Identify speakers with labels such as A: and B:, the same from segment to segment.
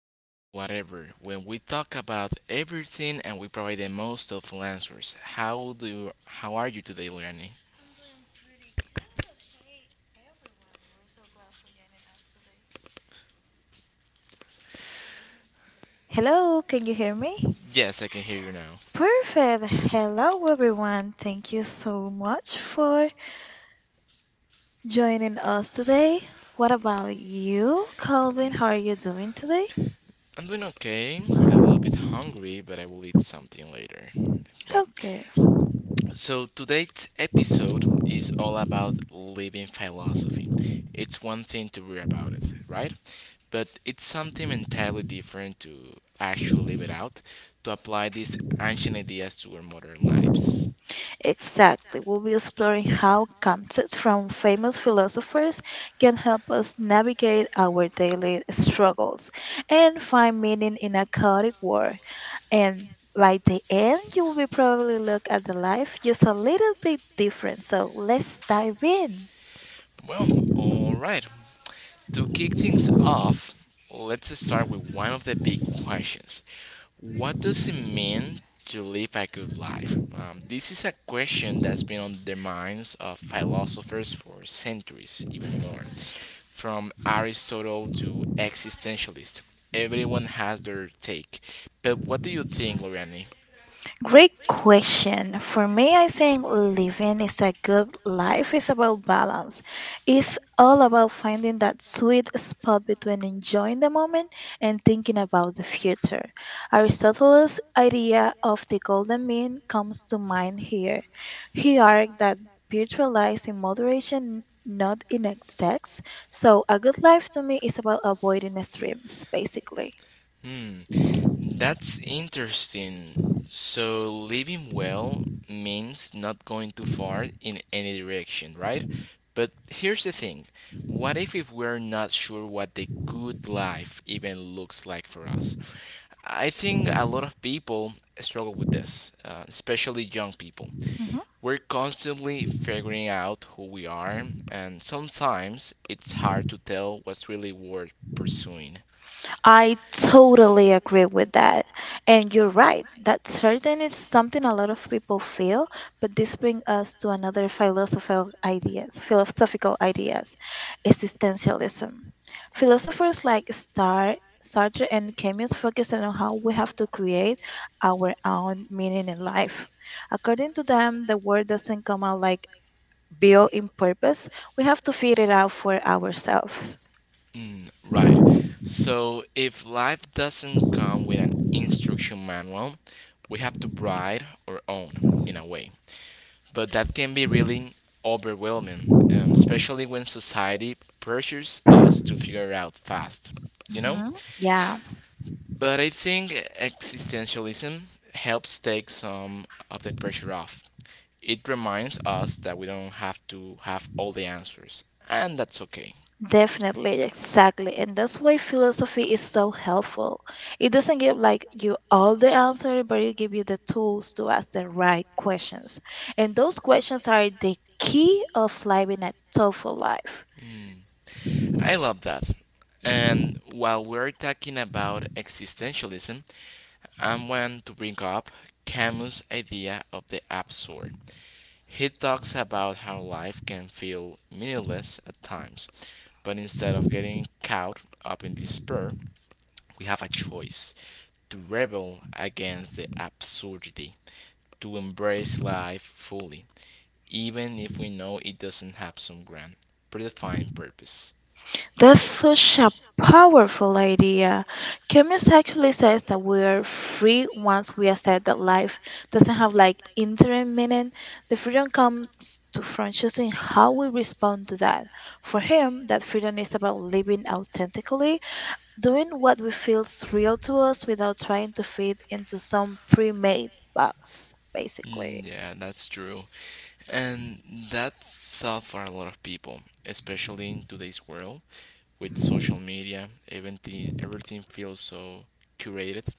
A: back to Whatever, when we talk about everything and we provide the most helpful answers. How are you today, Lenny?
B: Hello, can you hear me?
A: Yes, I can hear you now.
B: Perfect. Hello, everyone. Thank you so much for joining us today. What about you, Calvin? How are you doing today?
A: I'm doing okay. A little bit hungry, but I will eat something later. Well,
B: Okay,
A: so today's episode is all about living philosophy. It's one thing to read about it, right? But it's something entirely different to actually live it out, to apply these ancient ideas to our modern lives.
B: exactly, we'll be exploring how concepts from famous philosophers can help us navigate our daily struggles and find meaning in a chaotic world. And by the end, you will be probably look at the life just a little bit different. So let's dive in.
A: Well, alright, To kick things off, let's start with one of the big questions. What does it mean to live a good life? This is a question that's been on the minds of philosophers for centuries, even more. From Aristotle to existentialists, everyone has their take. But what do you think, Loriani?
B: Great question. For me, I think living is a good life is about balance. It's all about finding that sweet spot between enjoying the moment and thinking about the future. Aristotle's idea of the golden mean comes to mind here. He argued that virtue lies in moderation, not in excess. So a good life to me is about avoiding extremes, basically.
A: Hmm. That's interesting. So, living well means not going too far in any direction, right? But here's the thing, what if we're not sure what the good life even looks like for us? I think a lot of people struggle with this, especially young people.
B: Mm-hmm.
A: We're constantly figuring out who we are, and sometimes it's hard to tell what's really worth pursuing.
B: I totally agree with that. And you're right, that certain is something a lot of people feel, but this brings us to another philosophical ideas, existentialism. Philosophers like Star Sartre and Camus focus on how we have to create our own meaning in life. According to them, the world doesn't come out like built in purpose. We have to figure it out for ourselves.
A: Mm, right. So if life doesn't come with an instruction manual, we have to write our own in a way. But that can be really overwhelming, especially
B: Hmm.
A: when society pressures us to figure out fast, you know?
B: Yeah,
A: But I think existentialism helps take some of the pressure off. It reminds us that we don't have to have all the answers, and that's okay.
B: definitely, exactly. And that's why philosophy is so helpful. It doesn't give like you all the answer, but it gives you the tools to ask the right questions. And those questions are the key of living a thoughtful life.
A: I love that. And while we're talking about existentialism, I want to bring up Camus' idea of the absurd. He talks about how life can feel meaningless at times, but instead of getting caught up in despair, we have a choice to rebel against the absurdity, to embrace life fully, even if we know it doesn't have some grand, predefined purpose.
B: That's such a powerful idea. Camus actually says that we're free once we accept that life doesn't have like interim meaning. The freedom comes from choosing how we respond to that. For him, that freedom is about living authentically, doing what we feels real to us without trying to fit into some pre-made box, basically.
A: Mm, yeah, that's true. And that's tough for a lot of people, especially in today's world with social media. Everything feels so curated.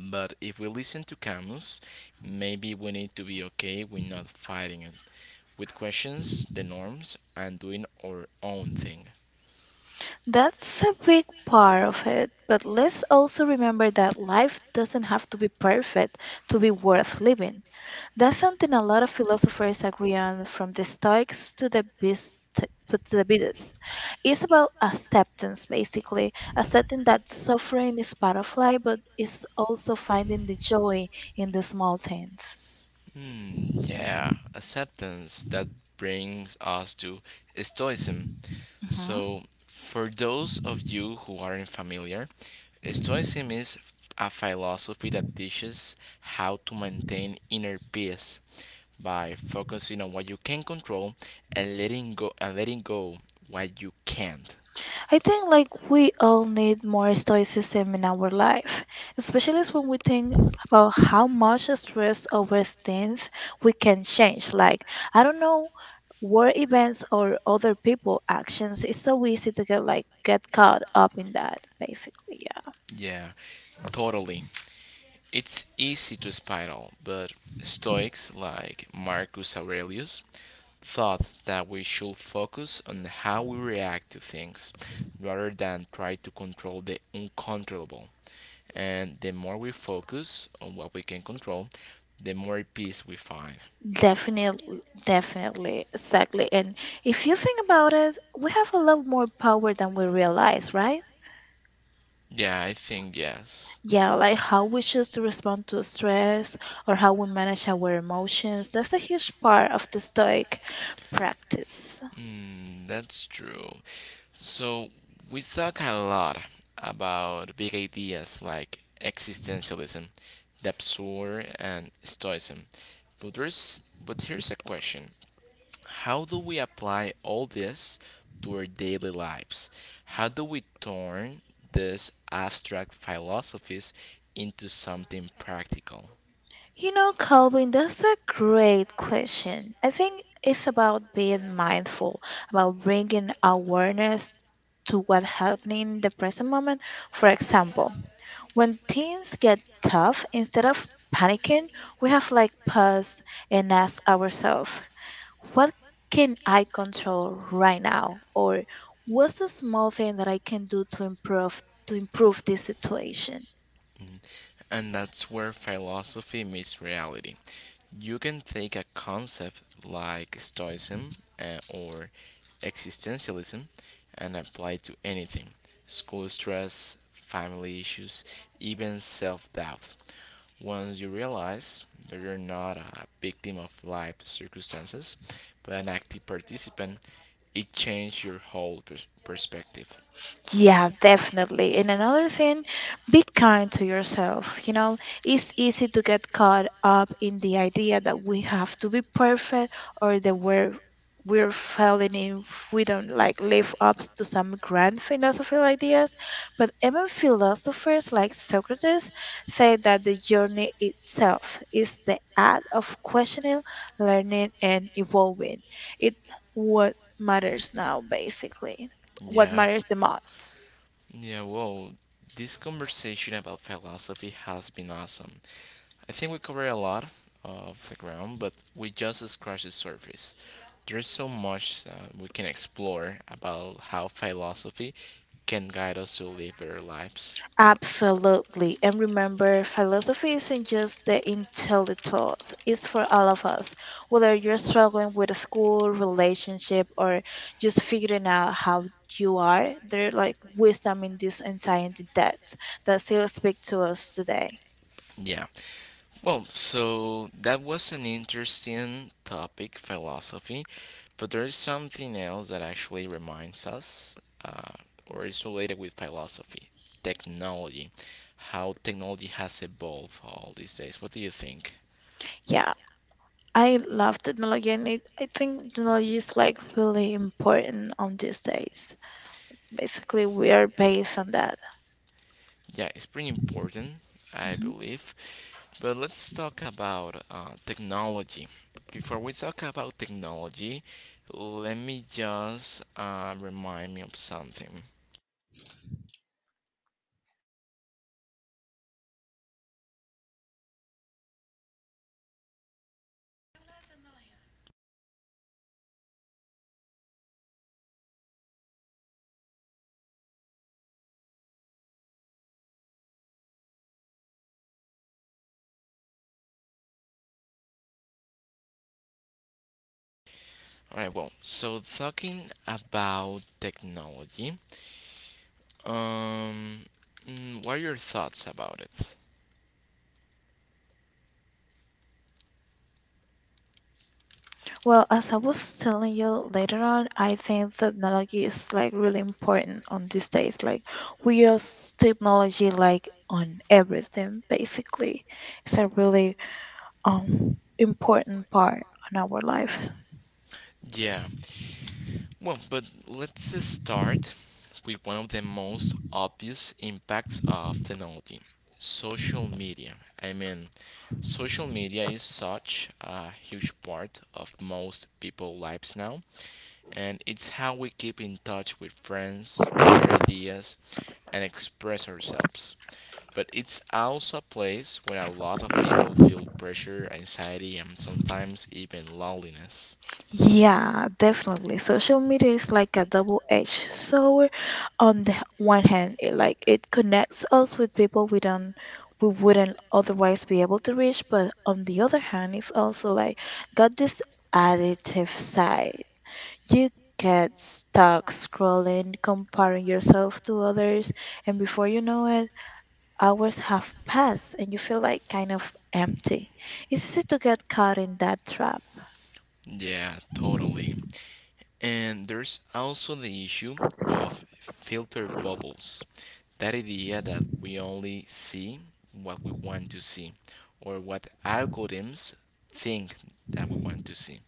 A: But if we listen to Camus, maybe we need to be okay with not fighting it, with questions, the norms, and doing our own thing.
B: That's a big part of it, but let's also remember that life doesn't have to be perfect to be worth living. That's something a lot of philosophers agree on, from the Stoics to the Buddhists. To the Buddhists. It's about acceptance, basically. Accepting that suffering is part of life, but it's also finding the joy in the small things.
A: Hmm, yeah, acceptance. That brings us to Stoicism.
B: Mhm.
A: So, for those of you who aren't familiar, Stoicism is a philosophy that teaches how to maintain inner peace by focusing on what you can control and letting go what you can't.
B: I think like we all need more stoicism in our life, especially when we think about how much stress over things we can change. Like I don't know, world events or other people actions. It's so easy to get caught up in that basically. Yeah.
A: Yeah, totally. It's easy to spiral, but Stoics like Marcus Aurelius thought that we should focus on how we react to things rather than try to control the uncontrollable. And the more we focus on what we can control, the more peace we find.
B: Definitely, exactly. And if you think about it, we have a lot more power than we realize, right?
A: Yeah, I think yes.
B: Yeah, like how we choose to respond to stress or how we manage our emotions. That's a huge part of the Stoic practice.
A: Mm, that's true. So, we talk a lot about big ideas like existentialism, the absurd, and stoicism. But here's a question, how do we apply all this to our daily lives? How do we turn these abstract philosophies into something practical?
B: You know, Calvin, that's a great question. I think it's about being mindful, about bringing awareness to what's happening in the present moment. For example, when things get tough, instead of panicking, we have like pause and ask ourselves, what can I control right now? Or what's a small thing that I can do to improve this situation?
A: Mm. And that's where philosophy meets reality. You can take a concept like Stoicism or existentialism and apply it to anything, school stress, family issues, even self doubt. Once you realize that you're not a victim of life circumstances, but an active participant, it changed your whole perspective.
B: Yeah, definitely. And another thing, be kind to yourself. You know, it's easy to get caught up in the idea that we have to be perfect or that we're failing if we don't like live up to some grand philosophical ideas. But even philosophers like Socrates say that the journey itself is the act of questioning, learning and evolving. It what matters now basically what
A: Yeah,
B: matters the most.
A: yeah, well, this conversation about philosophy has been awesome. I think we covered a lot of the ground, but we just scratched the surface. There's so much we can explore about how philosophy can guide us to live better lives.
B: Absolutely. And remember, philosophy isn't just the intellectuals, it's for all of us. Whether you're struggling with a school, relationship, or just figuring out how you are, there's like wisdom in these ancient debts that still speak to us today.
A: Yeah. Well, so that was an interesting topic, philosophy, but there is something else that actually reminds us uh, or is related with philosophy, technology, how technology has evolved all these days. What do you think?
B: Yeah, I love technology, I think technology is like really important on these days. Basically, we are based on that.
A: Yeah, it's pretty important, I
B: Mm-hmm.
A: believe. But let's talk about technology. Before we talk about technology, let me just remind me of something. All right, well, so talking about technology, um, what are your thoughts about it?
B: Well, as I was telling you later on, I think technology is like really important on these days. Like we use technology like on everything basically. It's a really important part on our life.
A: Yeah, well, but let's just start with one of the most obvious impacts of technology, social media. I mean, social media is such a huge part of most people's lives now, and it's how we keep in touch with friends, share ideas, and express ourselves. But it's also a place where a lot of people feel pressure, anxiety, and sometimes even loneliness.
B: Yeah, definitely. Social media is like a double-edged sword. On the one hand, it connects us with people we wouldn't otherwise be able to reach, but on the other hand, it's also like got this additive side. You get stuck scrolling, comparing yourself to others, and before you know it, hours have passed and you feel like kind of empty. It's easy to get caught in that trap.
A: Yeah, totally. And there's also the issue of filter bubbles. That idea that we only see what we want to see or what algorithms think that we want to see.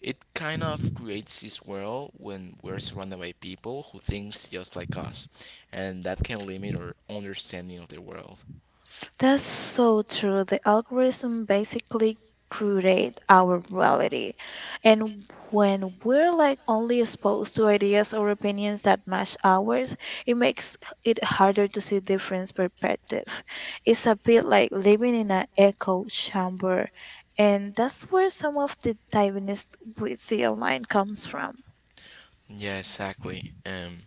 A: It kind of creates this world when we're surrounded by people who thinks just like us, and that can limit our understanding of the world.
B: That's so true. The algorithm basically curate our reality. And when we're like only exposed to ideas or opinions that match ours, it makes it harder to see different perspective. It's a bit like living in an echo chamber. And that's where some of the tightness we see online comes from.
A: Yeah, exactly.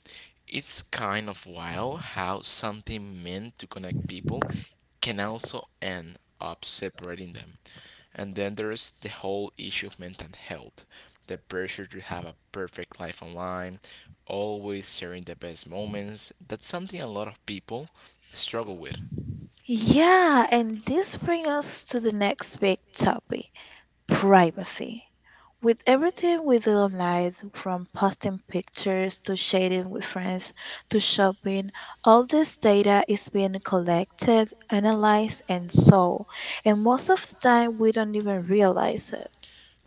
A: It's kind of wild how something meant to connect people can also end up separating them. And then there's the whole issue of mental health, the pressure to have a perfect life online, always sharing the best moments. That's something a lot of people struggle with.
B: Yeah, and this brings us to the next big topic, privacy. With everything we do online, from posting pictures to sharing with friends to shopping, all this data is being collected, analyzed, and sold. And most of the time, we don't even realize it.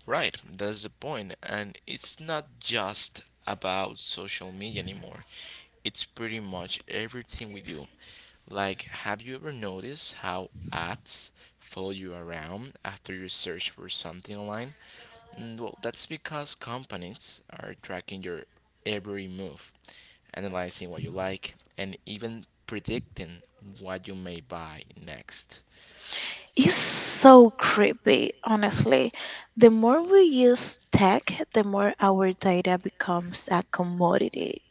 A: Right, that's the point. And it's not just about social media anymore. It's pretty much everything we do. Like, have you ever noticed how ads follow you around after you search for something online? Mm. Well, that's because companies are tracking your every move, analyzing what you like, and even predicting what you may buy next.
B: It's so creepy, honestly. The more we use tech, the more our data becomes a commodity.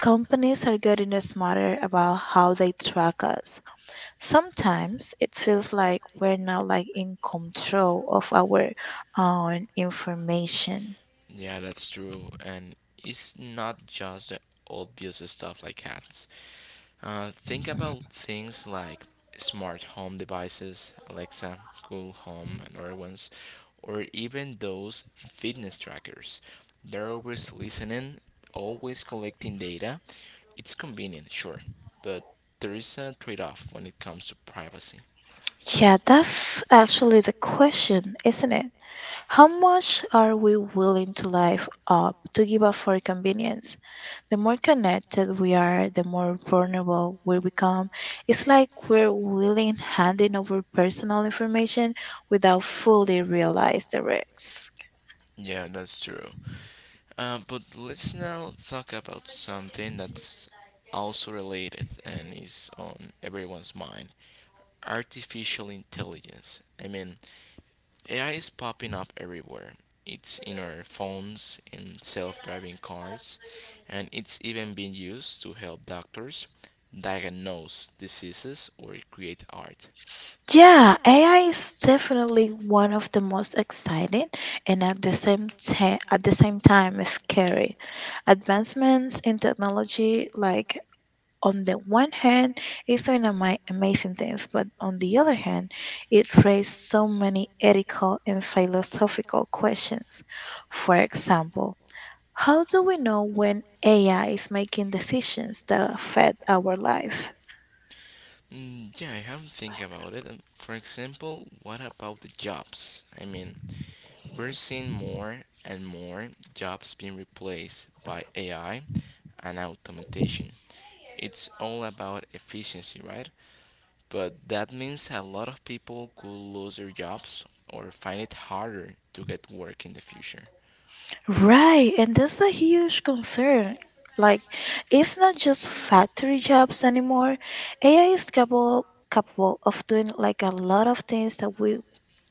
B: Companies are getting smarter about how they track us. Sometimes it feels like we're not like in control of our own information.
A: Yeah, that's true. And it's not just the obvious stuff like cats. Think about things like smart home devices, Alexa, Google Home, and other ones, or even those fitness trackers. They're always listening, always collecting data. It's convenient, sure, but there is a trade off when it comes to privacy.
B: Yeah, that's actually the question, isn't it? How much are we willing to live up to give up for convenience? The more connected we are, the more vulnerable we become. It's like we're willing handing over personal information without fully realize the risks.
A: Yeah, that's true. But let's now talk about something that's also related and is on everyone's mind, artificial intelligence. I mean, AI is popping up everywhere. It's in our phones, in self driving cars, and it's even being used to help doctors diagnose diseases or create art.
B: Yeah, AI is definitely one of the most exciting and at the same time scary advancements in technology like on the one hand, it's an amazing thing, but on the other hand, it raised so many ethical and philosophical questions. For example, how do we know when AI is making decisions that affect our life?
A: Mm, yeah, I haven't think about it. For example, what about the jobs? I mean, we're seeing more and more jobs being replaced by AI and automation. It's all about efficiency, right? But that means a lot of people could lose their jobs or find it harder to get work in the future.
B: Right, and that's a huge concern. Like, it's not just factory jobs anymore. AI is capable of doing like a lot of things that we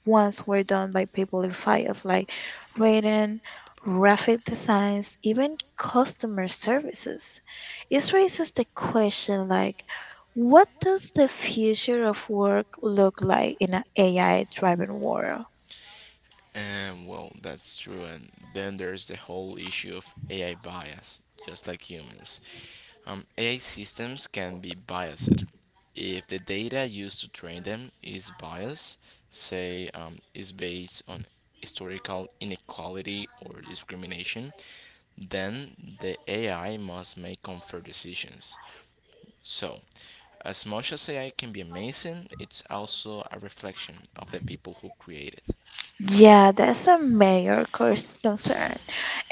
B: once were done by people in fields like writing, graphic designs, even customer services. It raises the question like, what does the future of work look like in an AI driven world?
A: And well, that's true. And then there's the whole issue of AI bias, just like humans. AI systems can be biased. If the data used to train them is biased, say is based on historical inequality or discrimination, then the AI must make unfair decisions. So, as much as AI can be amazing, it's also a reflection of the people who create it.
B: Yeah, that's a major course concern.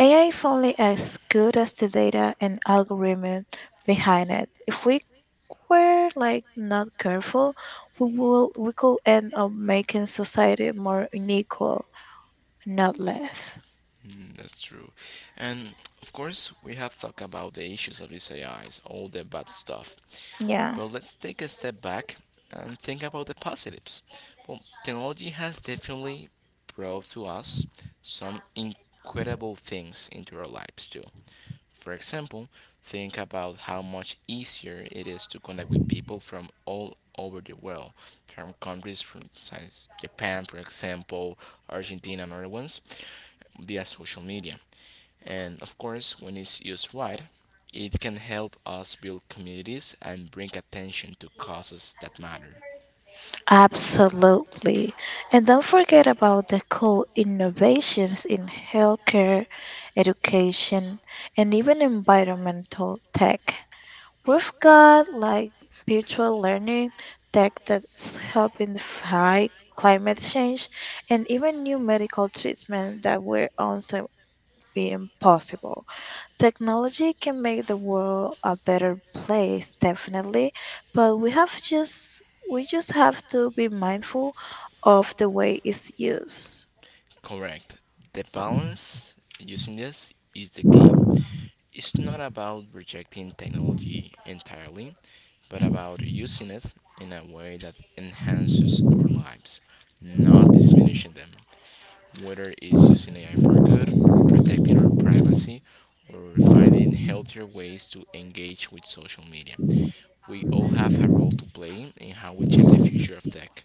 B: AI is only as good as the data and algorithm behind it. If we were like not careful, we could end up making society more unequal, not less.
A: Mm, that's true. And of course, we have talked about the issues of these AIs, all the bad stuff.
B: Yeah.
A: But let's take a step back and think about the positives. Well, technology has definitely brought to us some incredible things into our lives too. For example, think about how much easier it is to connect with people from all over the world, from countries from since Japan, for example, Argentina, and other ones, via social media. And of course, when it's used right, it can help us build communities and bring attention to causes that matter.
B: Absolutely. And don't forget about the cool innovations in healthcare, education, and even environmental tech. We've got like virtual learning tech that's helping fight climate change and even new medical treatment that were on so the impossible. Technology can make the world a better place, definitely, but we just have to be mindful of the way it's used.
A: Correct. The balance using this is the key. It's not about rejecting technology entirely, but about using it in a way that enhances our lives, not diminishing them. Whether it's using AI for good, protecting our privacy, or finding healthier ways to engage with social media, we all have a role to play in how we shape the future of tech.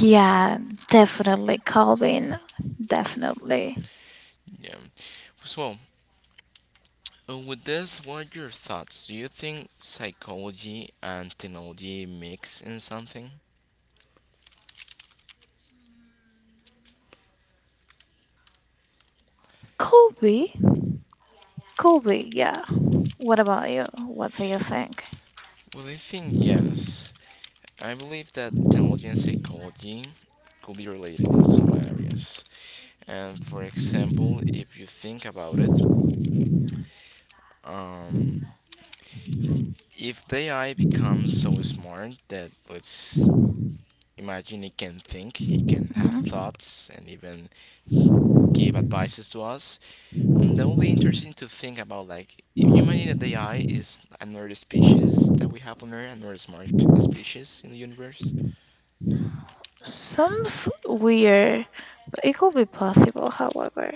B: Yeah, definitely, Colvin. Definitely.
A: Yeah. So, with this, what are your thoughts? Do you think psychology and technology mix in something?
B: Colby? Colby, yeah. What about you? What do you think?
A: Well, I think yes. I believe that technology and psychology could be related in some areas. And for example, if you think about it, um, if the AI becomes so smart that, let's imagine, it can think, it can have
B: Mhm.
A: thoughts, and even give advices to us, mm, that will be interesting to think about. Like, if you imagine that AI is another species that we have on Earth, another smart species in the universe,
B: Sounds weird, but it could be possible, however.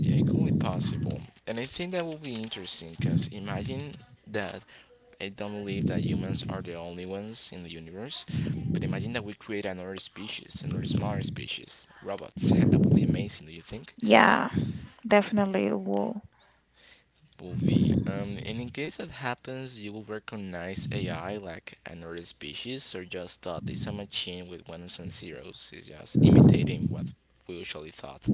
A: yeah, it could be possible. And I think that will be interesting because imagine that, I don't believe that humans are the only ones in the universe. But imagine that we create another species, another smaller species, robots. And that would be amazing, do you think?
B: Yeah, definitely it will.
A: Will be. And in case that happens, you will recognize AI like another species, or just thought it's a machine with ones and zeros. It's just imitating what we usually thought.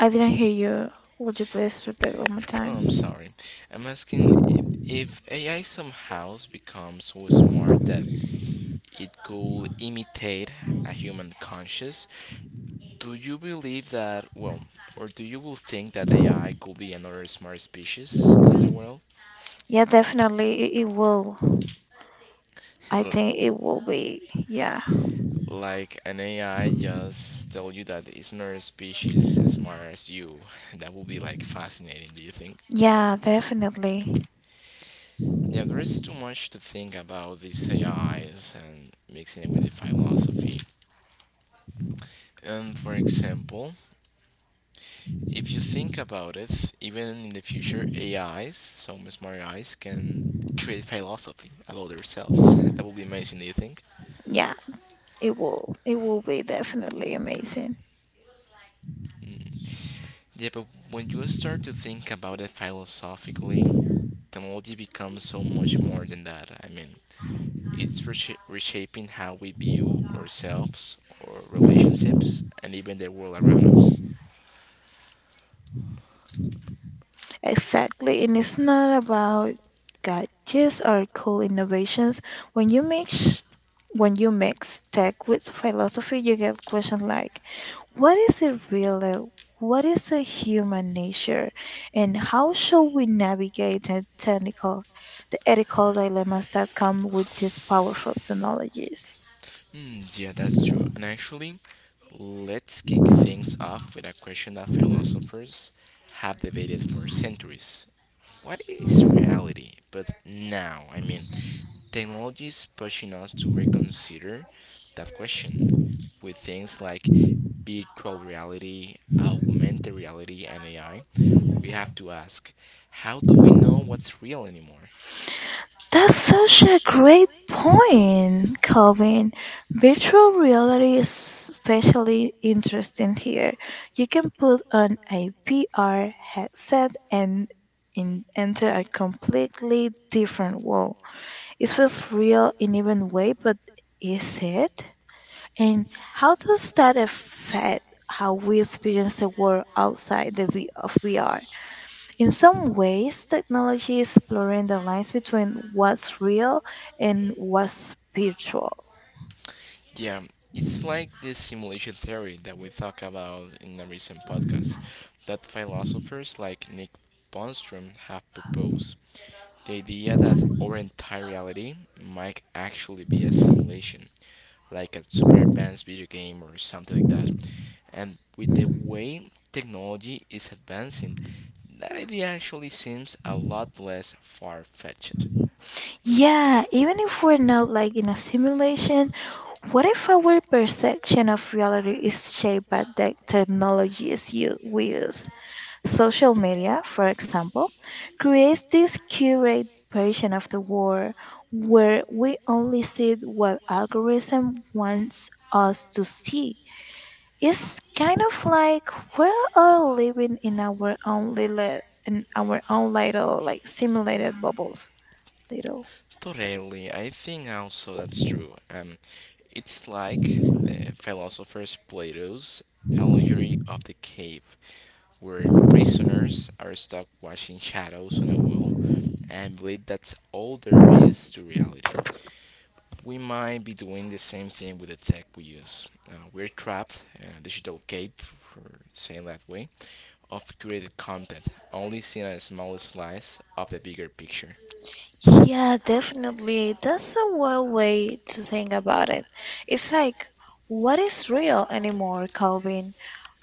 B: I didn't hear you. Would you please repeat one more time?
A: Oh, I'm sorry. I'm asking if AI somehow becomes so smart that it could imitate a human conscious. Do you believe that? Well, or do you will think that AI could be another smart species in the world?
B: Yeah, definitely it will. I think it will be. Yeah.
A: Like an AI just tell you that it's not a species as smart as you. That would be like fascinating, do you think?
B: Yeah, definitely.
A: Yeah, there is too much to think about these AIs and mixing it with the philosophy. And for example, if you think about it, even in the future, AIs, some smart AIs, can create philosophy about themselves. That would be amazing, do you think?
B: Yeah, it will. It will be definitely amazing.
A: Mm. Yeah, but when you start to think about it philosophically, technology becomes so much more than that. I mean, reshaping how we view ourselves, our relationships, and even the world around us.
B: Exactly, and it's not about gadgets or cool innovations. When you mix when you mix tech with philosophy, you get questions like, what is it really? What is a human nature? And how should we navigate the technical, the ethical dilemmas that come with these powerful technologies?
A: Hmm, yeah, that's true. And actually, let's kick things off with a question that philosophers have debated for centuries. What is reality? But now, I mean, technology is pushing us to reconsider that question with things like virtual reality, augmented reality, and AI. We have to ask, how do we know what's real anymore?
B: That's such a great point, Calvin. Virtual reality is especially interesting here. You can put on a VR headset and enter a completely different world. It feels real in even way, but is it? And how does that affect how we experience the world outside the v- of VR? In some ways, technology is blurring the lines between what's real and what's virtual.
A: Yeah, it's like this simulation theory that we talked about in a recent podcast, that philosophers like Nick Bostrom have proposed. The idea that our entire reality might actually be a simulation, like a super advanced video game or something like that. And with the way technology is advancing, that idea actually seems a lot less far fetched.
B: Yeah, even if we're not like in a simulation, what if our perception of reality is shaped by the technologies we use? Social media, for example, creates this curated version of the world where we only see what algorithm wants us to see. It's kind of like we're all living in our own little like simulated bubbles. Little.
A: Totally, I think also that's true. It's like the philosopher's Plato's allegory of the cave, where prisoners are stuck watching shadows on a wall and believe that's all there is to reality. We might be doing the same thing with the tech we use. We're trapped in a digital cave, for saying that way, of created content, only seeing a small slice of the bigger picture.
B: Yeah, definitely. That's a well way to think about it. It's like what is real anymore, Calvin?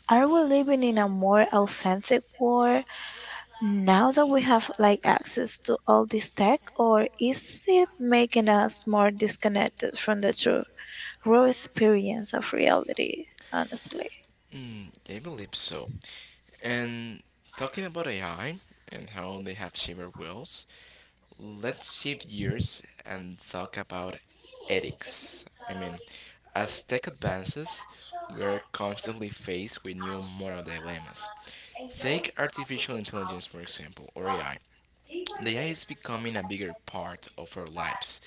B: Are we living in a more authentic world now that we have like access to all this tech or is it making us more disconnected from the truth? Raw experience of reality, honestly.
A: Mm, I believe so. And talking about AI and how they have shaped our worlds, let's shift gears and talk about ethics. I mean, as tech advances, we are constantly faced with new moral dilemmas. Take artificial intelligence, for example, or AI. The AI is becoming a bigger part of our lives,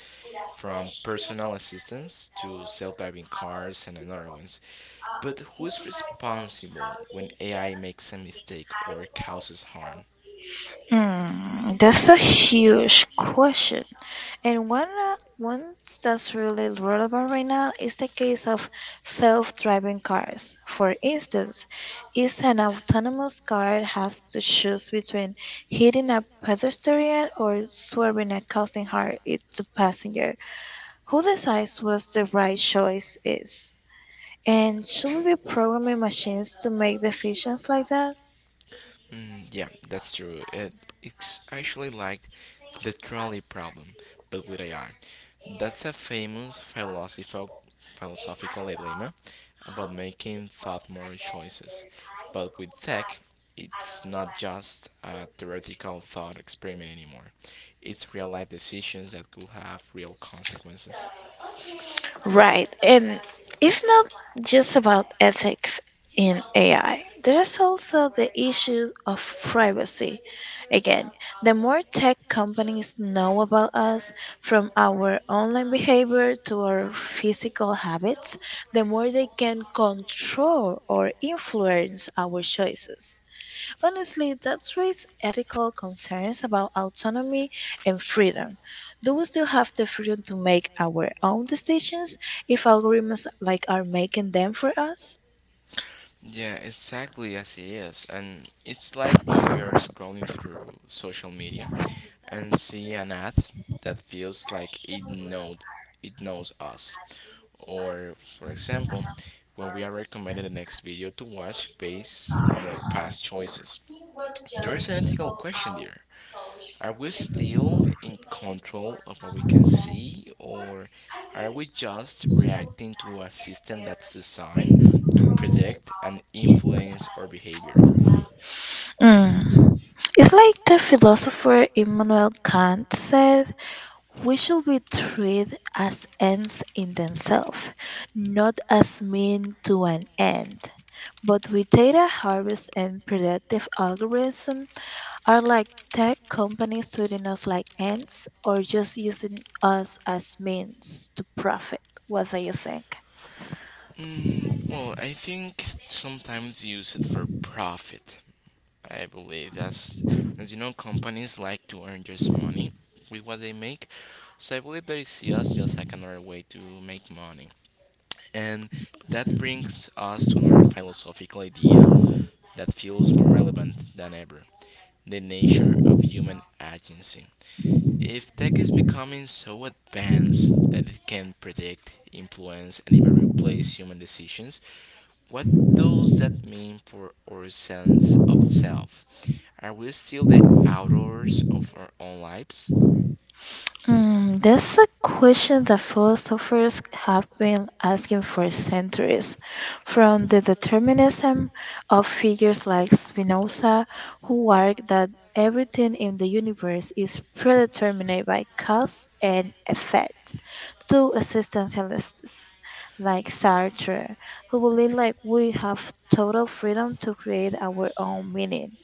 A: from personal assistants to self driving cars and other ones. But who is responsible when AI makes a mistake or causes harm?
B: Hmm, that's a huge question. And one that's really relevant right now is the case of self driving cars. For instance, if an autonomous car has to choose between hitting a pedestrian or swerving and causing harm it to passenger, who decides what the right choice is? And should we be programming machines to make decisions like that?
A: Mm, yeah, that's true. It's actually like the trolley problem, but with AI. That's a famous philosophical dilemma about making thought more choices. But with tech, it's not just a theoretical thought experiment anymore. It's real life decisions that could have real consequences.
B: Right. And it's not just about ethics in AI. There's also the issue of privacy. Again, the more tech companies know about us, from our online behavior to our physical habits, the more they can control or influence our choices. Honestly, that's raised ethical concerns about autonomy and freedom. Do we still have the freedom to make our own decisions if algorithms like are making them for us?
A: Yeah, exactly as it is. And it's like when we are scrolling through social media and see an ad that feels like it knows us. Or for example, when we are recommended the next video to watch based on our past choices. There is an ethical question there. Are we still in control of what we can see, or are we just reacting to a system that's designed to predict and influence our behavior?
B: Mm. It's like the philosopher Immanuel Kant said, we should be treated as ends in themselves, not as means to an end. But with data harvest and predictive algorithms, are like tech companies treating us like ants or just using us as means to profit? What do you think?
A: Mm, well, I think sometimes use it for profit. I believe that's, as you know, companies like to earn just money with what they make. So I believe they see us just like another way to make money. And that brings us to another philosophical idea that feels more relevant than ever, the nature of human agency. If tech is becoming so advanced that it can predict, influence, and even replace human decisions, what does that mean for our sense of self? Are we still the authors of our own lives?
B: Mm, that's a question that philosophers have been asking for centuries, from the determinism of figures like Spinoza, who argued that everything in the universe is predetermined by cause and effect, to existentialists like Sartre, who believe like we have total freedom to create our own meaning.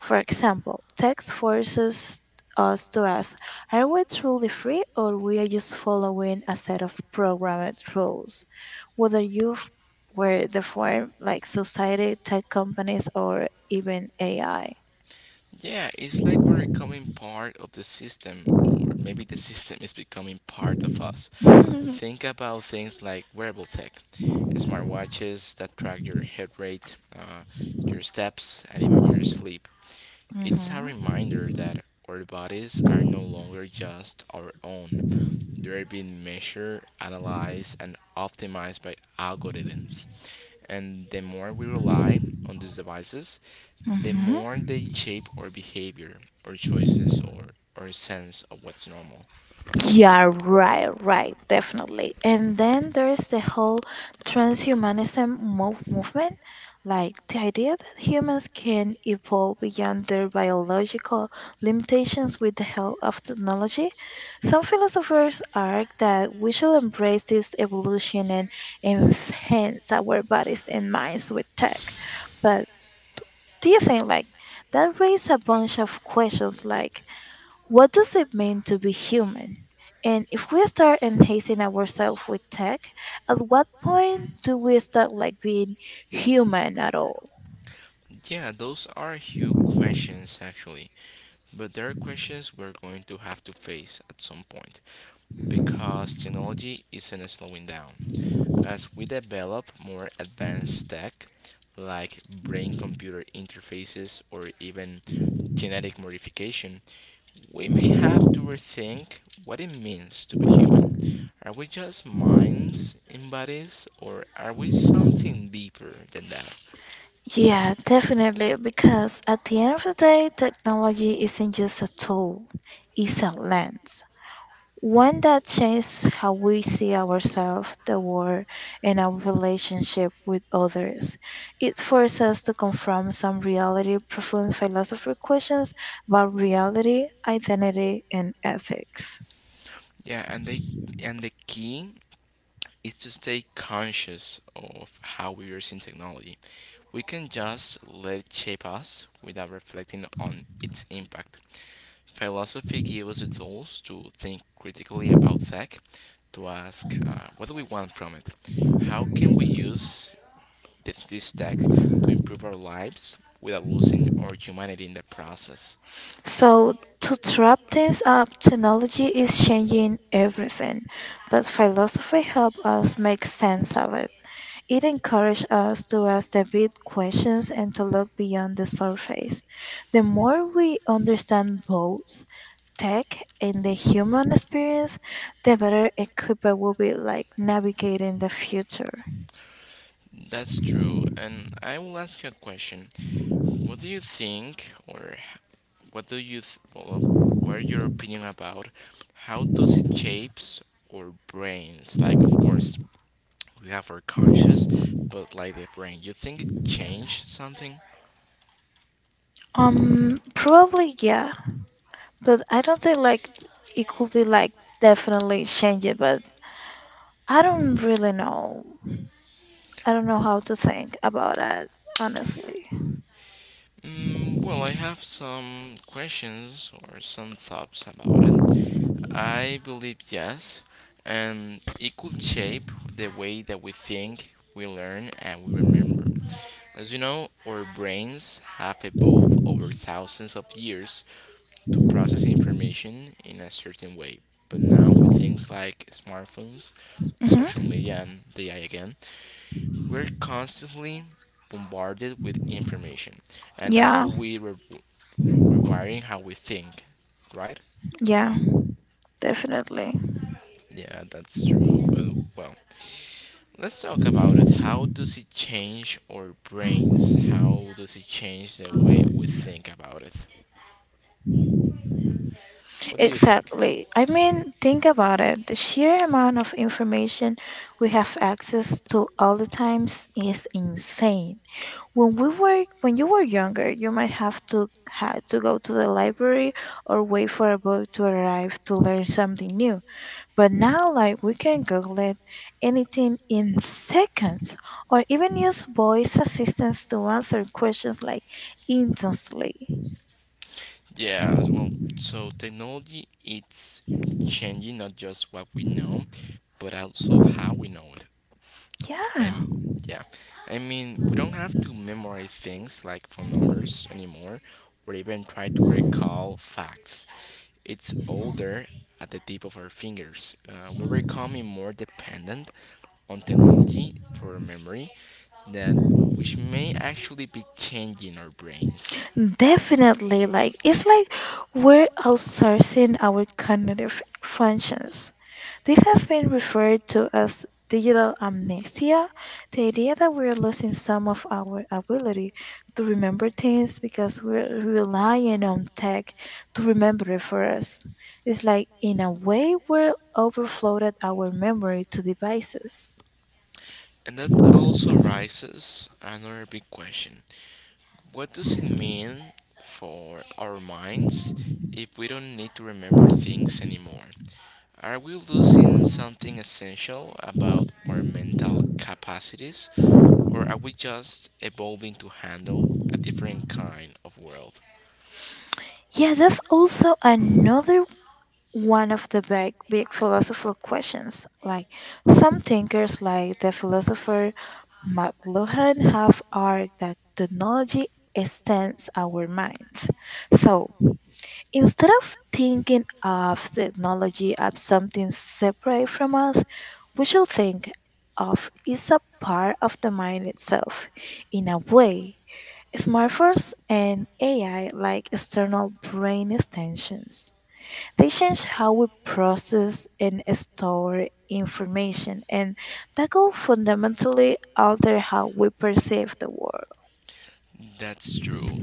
B: For example, text forces us to ask, are we truly free or we are just following a set of programmed rules? Whether you were the form like society, tech companies or even AI.
A: Yeah, it's like we're becoming part of the system, or maybe the system is becoming part of us. Think about things like wearable tech, smartwatches that track your heart rate, your steps, and even your sleep. It's a
B: hmm
A: reminder that our bodies are no longer just our own. They're being measured, analyzed, and optimized by algorithms. And the more we rely on these devices, the
B: hmm
A: more they shape our behavior, our choices, or our sense of what's normal.
B: Yeah, right, definitely. And then there's the whole transhumanism movement, like the idea that humans can evolve beyond their biological limitations with the help of technology. Some philosophers argue that we should embrace this evolution and enhance our bodies and minds with tech. But do you think like that raised a bunch of questions like what does it mean to be human? And if we start enhancing ourselves with tech, at what point do we start like being human at all?
A: Yeah, those are huge questions actually, but there are questions we're going to have to face at some point because technology isn't slowing down. As we develop more advanced tech, like brain computer interfaces or even genetic modification, we may have to rethink what it means to be human. Are we just minds in bodies, or are we something deeper than that?
B: Yeah, definitely, because at the end of the day, technology isn't just a tool, it's a lens. One that changed how we see ourselves, the world, and our relationship with others. It forced us to confront some reality profound philosophical questions about reality, identity, and ethics.
A: Yeah, and the key is to stay conscious of how we are using technology. We can just let it shape us without reflecting on its impact. Philosophy gives us the tools to think critically about tech, to ask, what do we want from it, how can we use this tech to improve our lives without losing our humanity in the process.
B: So, to wrap things up, technology is changing everything, but philosophy helps us make sense of it. It encourages us to ask the big questions and to look beyond the surface. The more we understand both tech and the human experience, the better equipped we'll be like navigating the future.
A: That's true. And I will ask you a question. What do you think, or what do you, what are your opinion about how does it shapes our brains? Like, of course, we have our conscious, but like the brain, you think it changed something?
B: Probably yeah, but I don't think like it could be like definitely change it, but I don't really know. I don't know how to think about it honestly.
A: Mm, well, I have some questions or some thoughts about it. I believe yes, and it could shape the way that we think, we learn, and we remember. As you know, our brains have evolved over thousands of years to process information in a certain way. But now, with things like smartphones, social
B: Hmm
A: media, and AI again, we're constantly bombarded with information, and that
B: Yeah,
A: could be re- rewiring how we think, right?
B: yeah, definitely.
A: Yeah, that's true. But well, let's talk about it. How does it change our brains? How does it change the way we think about it? What do you think?
B: Exactly. I mean, think about it. The sheer amount of information we have access to all the times is insane. When you were younger, you might have to had to go to the library or wait for a book to arrive to learn something new. But now like we can Google it anything in seconds or even use voice assistants to answer questions like instantly.
A: Yeah, as well, so technology it's changing not just what we know, but also how we know it.
B: Yeah,
A: And yeah, I mean, we don't have to memorize things like phone numbers anymore or even try to recall facts. It's all there at the tip of our fingers. We're becoming more dependent on technology for memory that which may actually be changing our brains.
B: definitely. Like it's like we're outsourcing our cognitive functions. This has been referred to as digital amnesia, the idea that we're losing some of our ability to remember things because we're relying on tech to remember it for us. It's like in a way we're overflooded our memory to devices.
A: And that also raises another big question. What does it mean for our minds if we don't need to remember things anymore? Are we losing something essential about our mental capacities, or are we just evolving to handle a different kind of world?
B: Yeah, that's also another one of the big, big philosophical questions. Like some thinkers, like the philosopher McLuhan, have argued that technology extends our minds. So instead of thinking of technology as something separate from us, we should think of it as a part of the mind itself. In a way, smartphones and AI, like external brain extensions, they change how we process and store information, and that will fundamentally alter how we perceive the world.
A: That's true.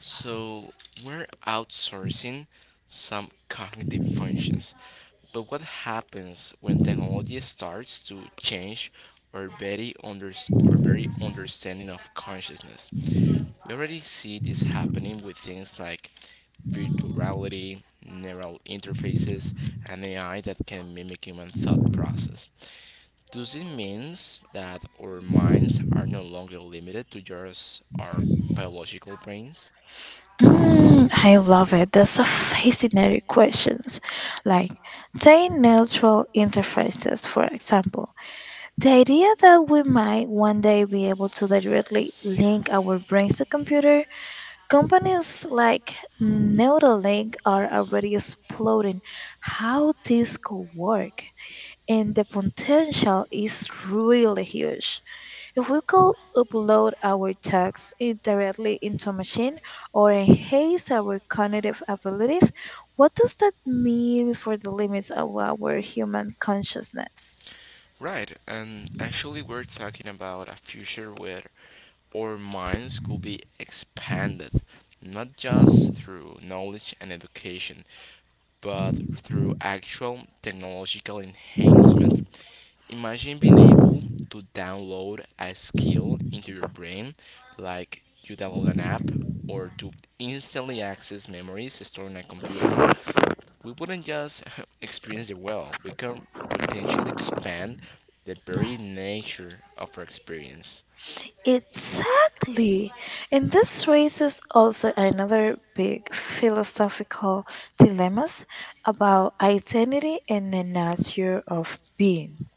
A: So, we're outsourcing some cognitive functions. But what happens when technology starts to change our very, under our very understanding of consciousness? We already see this happening with things like virtual reality, neural interfaces, and AI that can mimic human thought process. Does it mean that our minds are no longer limited to just our biological brains?
B: Mm, I love it. That's a fascinating question. Like, take natural interfaces, for example. The idea that we might one day be able to directly link our brains to computer. Companies like Neuralink are already exploring how this could work, and the potential is really huge. If we could upload our text directly into a machine or enhance our cognitive abilities, what does that mean for the limits of our human consciousness?
A: Right, and actually, we're talking about a future where our minds could be expanded, not just through knowledge and education, but through actual technological enhancement. Imagine being able to download a skill into your brain, like you download an app, or to instantly access memories stored in a computer. We wouldn't just we can potentially expand the very nature of our experience.
B: Exactly. And this raises also another big philosophical dilemmas about identity and the nature of being.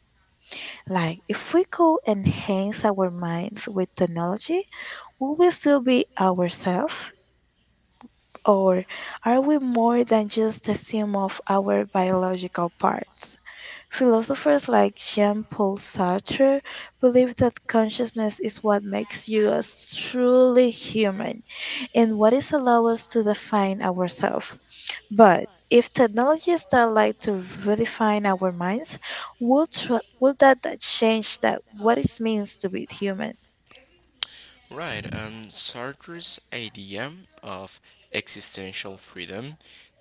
B: Like if we could enhance our minds with technology, would we still be ourselves? Or are we more than just the sum of our biological parts? Philosophers like Jean Paul Sartre believe that consciousness is what makes you us truly human and what is allow us to define ourselves. But if technology starts like to redefine our minds, will that change that what it means to be human?
A: Right, and Sartre's idea of existential freedom,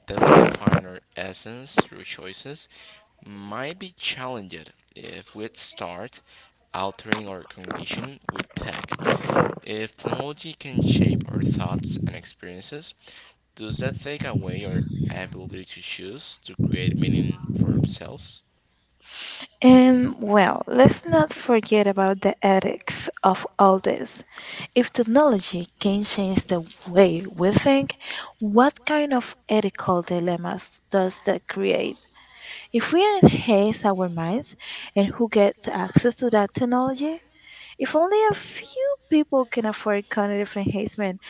A: that we define our essence through choices, might be challenged if we start altering our cognition with tech. If technology can shape our thoughts and experiences, does that take away our ability to choose to create meaning for ourselves?
B: And well, let's not forget about the ethics of all this. If technology can change the way we think, what kind of ethical dilemmas does that create? If we enhance our minds and who gets access to that technology, if only a few people can afford cognitive enhancement,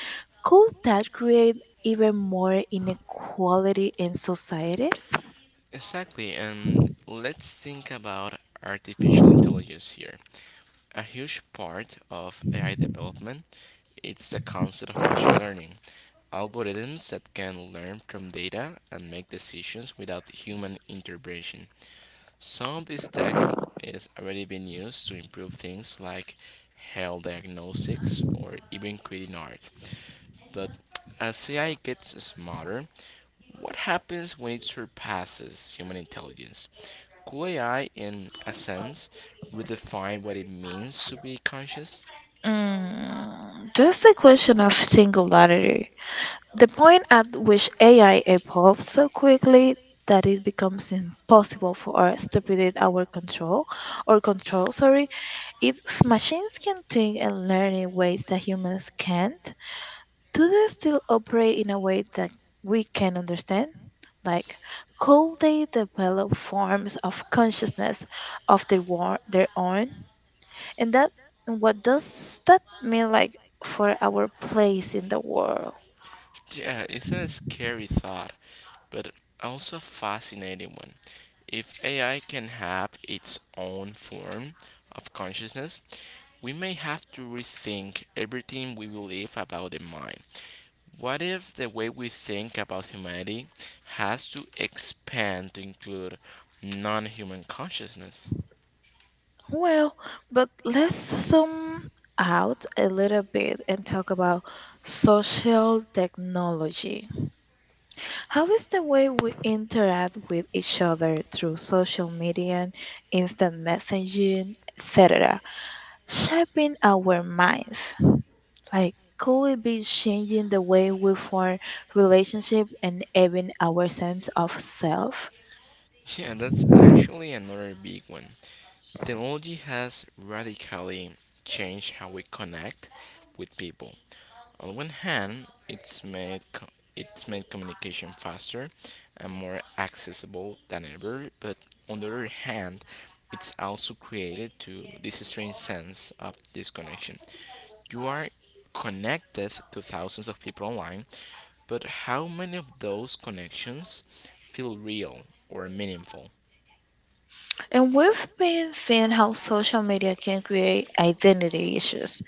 B: could that create even more inequality in society?
A: Exactly, and let's think about artificial intelligence here. A huge part of AI development is the concept of machine learning. Algorithms that can learn from data and make decisions without human intervention. Some of this tech is already being used to improve things like health diagnostics or even creating art. But as AI gets smarter, what happens when it surpasses human intelligence? Could AI, in a sense, redefine what it means to be conscious?
B: Mm, that's the question of singularity. The point at which AI evolves so quickly that it becomes impossible for us to predict our control sorry, if machines can think and learn in ways that humans can't, do they still operate in a way that we can understand? Like, could they develop forms of consciousness of their own? And that and what does that mean like for our place in the world?
A: Yeah, it's a scary thought, but also a fascinating one. If AI can have its own form of consciousness, we may have to rethink everything we believe about the mind. What if the way we think about humanity has to expand to include non human consciousness?
B: Well, but let's zoom out a little bit and talk about social technology. How is the way we interact with each other through social media, instant messaging, etc., shaping our minds? Like, could it be changing the way we form relationship and even our sense of self?
A: Yeah, that's actually another big one. Technology has radically changed how we connect with people. On one hand, it's made communication faster and more accessible than ever, but on the other hand, it's also created to this strange sense of disconnection. You are connected to thousands of people online, but how many of those connections feel real or meaningful?
B: And we've been seeing how social media can create identity issues.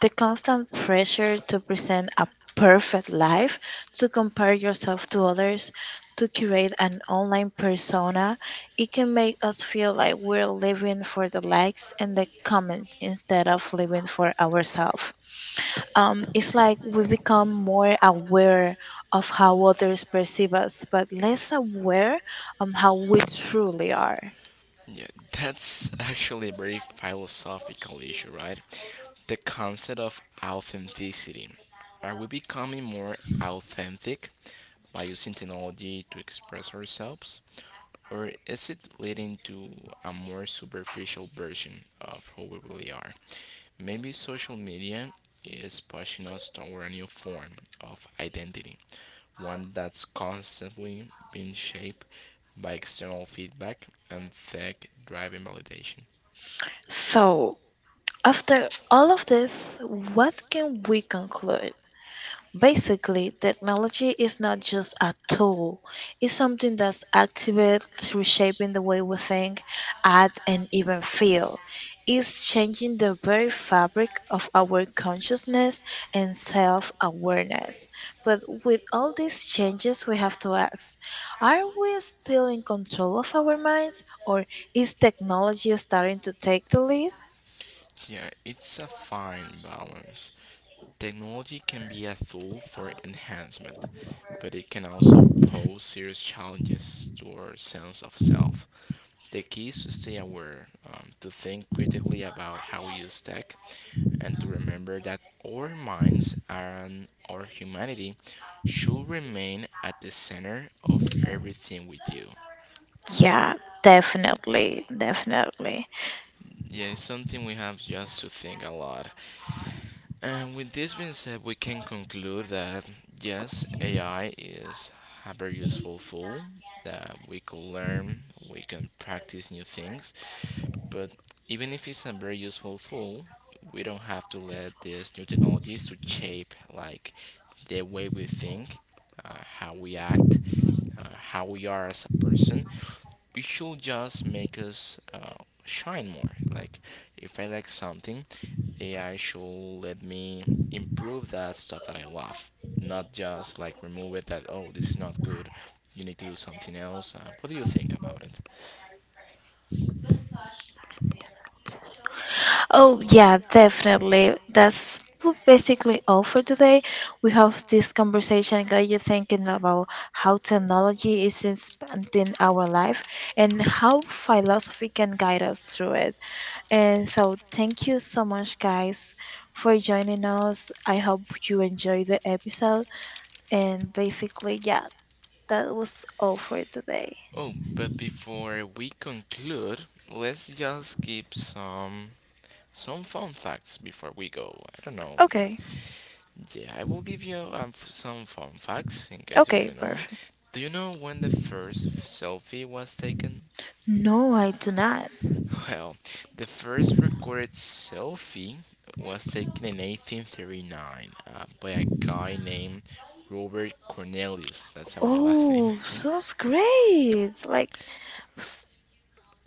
B: The constant pressure to present a perfect life, to compare yourself to others, to create an online persona, it can make us feel like we're living for the likes and the comments instead of living for ourselves. It's like we become more aware of how others perceive us, but less aware of how we truly are.
A: Yeah, that's actually a very philosophical issue, right? The concept of authenticity. Are we becoming more authentic by using technology to express ourselves? Or is it leading to a more superficial version of who we really are? Maybe social media is pushing us toward a new form of identity, one that's constantly being shaped by external feedback and tech driven validation.
B: So, after all of this, what can we conclude? Basically, technology is not just a tool, it's something that's actively reshaping the way we think, act, and even feel. It's changing the very fabric of our consciousness and self awareness. But with all these changes, we have to ask, are we still in control of our minds, or is technology starting to take the lead?
A: Yeah, it's a fine balance. Technology can be a tool for enhancement, but it can also pose serious challenges to our sense of self. The key is to stay aware, to think critically about how we use tech, and to remember that our minds and our humanity should remain at the center of everything we do.
B: Yeah, definitely, definitely.
A: Yeah, it's something we have just to think a lot. And with this being said, we can conclude that yes, AI is a very useful tool that we could learn, we can practice new things, but even if it's a very useful tool, we don't have to let these new technologies to shape like the way we think, how we act, how we are as a person. It should just make us shine more. Like if I like something, AI should let me improve that stuff that I love, not just like remove it that oh this is not good. You need to do something else. What do you think about it?
B: Oh, yeah, definitely. That's basically all for today. We have this conversation got you thinking about how technology is expanding our life and how philosophy can guide us through it. And so, thank you so much, guys, for joining us. I hope you enjoyed the episode. And basically, yeah, that was all for today.
A: Oh, but before we conclude, let's just give some fun facts before we go. I don't know.
B: Okay,
A: Yeah, I will give you some fun facts in case you
B: okay,
A: didn't know.
B: perfect.
A: Do you know when the first selfie was taken?
B: No, I do not.
A: Well, the first recorded selfie was taken in 1839 by a guy named Robert Cornelius. That's how we last name.
B: Oh, sounds great. Like, s-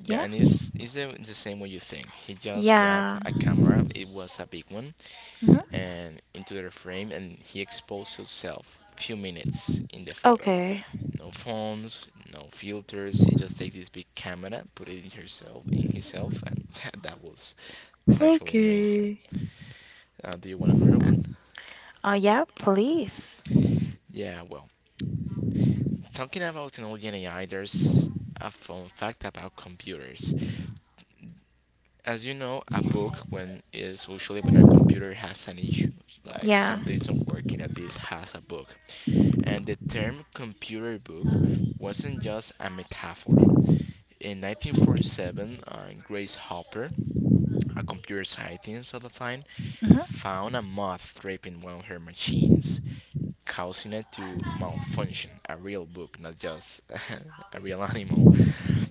A: Yeah,
B: yeah,
A: and it's the same way you think. He just grabbed
B: yeah.
A: a camera. It was a big one,
B: hmm
A: and into the frame, and he exposed himself. Few minutes in the photo,
B: Okay.
A: no phones, no filters. He just take this big camera, put it in herself, in himself, and that was, it's actually amazing.
B: Okay.
A: Do you want another one?
B: Oh, yeah, please.
A: Yeah, well, talking about technology and AI, there's a fun fact about computers. As you know, a bug when is usually when a computer has an issue, like
B: Yeah.
A: something isn't working that this has a bug. And the term computer bug wasn't just a metaphor. In 1947, Grace Hopper, a computer scientist at the time, found a
B: hmm
A: moth trapping one of her machines, causing it to malfunction, a real bug, not just a real animal.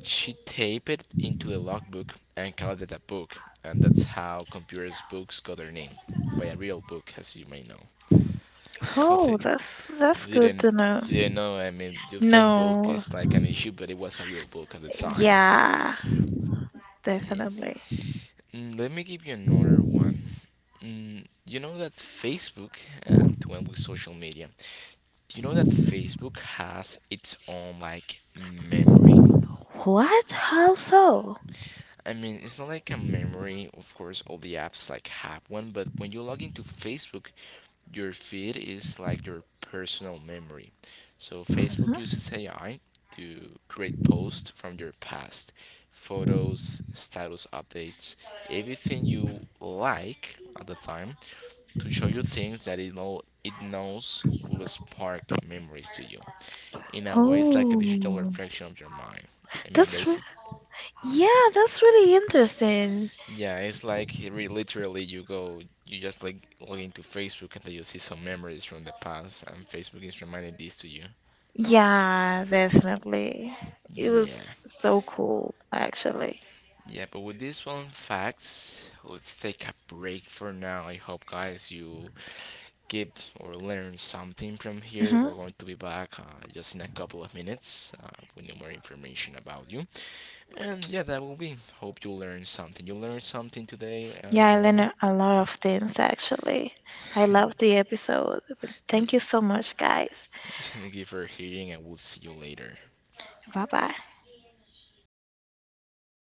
A: She taped it into a logbook and called it a book, and that's how computers books got their name, by a real book, as you may know. What
B: Oh,
A: they
B: that's
A: you
B: good
A: didn't
B: to know.
A: you didn't know? I mean, you think book
B: No.
A: is like an issue, but it was a real book at the time.
B: Yeah,
A: Yes.
B: definitely.
A: Mm, let me give you another one. Mm, you know that Facebook and when with social media, do you know that Facebook has its own like memory?
B: What? How so?
A: I mean, it's not like a memory. Of course, all the apps like have one, but when you log into Facebook, your feed is like your personal memory. So
B: Mhm.
A: Facebook uses AI to create posts from your past, photos, status updates, everything you like at the time to show you things that it knows will spark memories to you. In a way, it's like a digital
B: Oh,
A: reflection of your mind. I mean,
B: that's re-
A: basically.
B: yeah, that's really interesting.
A: Yeah, it's like literally you go, you just like log into Facebook and you see some memories from the past, and Facebook is reminding this to you.
B: Yeah, definitely. It
A: Yeah,
B: was so cool, actually.
A: yeah. But with these fun facts, let's take a break for now. I hope guys you get or learn something from here.
B: Uh-huh.
A: We're going to be back just in a couple of minutes with new more information about you. And yeah, that will be. Hope you learn something. You learned something today,
B: Yeah, I
A: Lorena.
B: learned a lot of things actually. I love the episode. But thank you so much, guys.
A: Thank you for hearing, and we'll see you later.
B: Bye bye.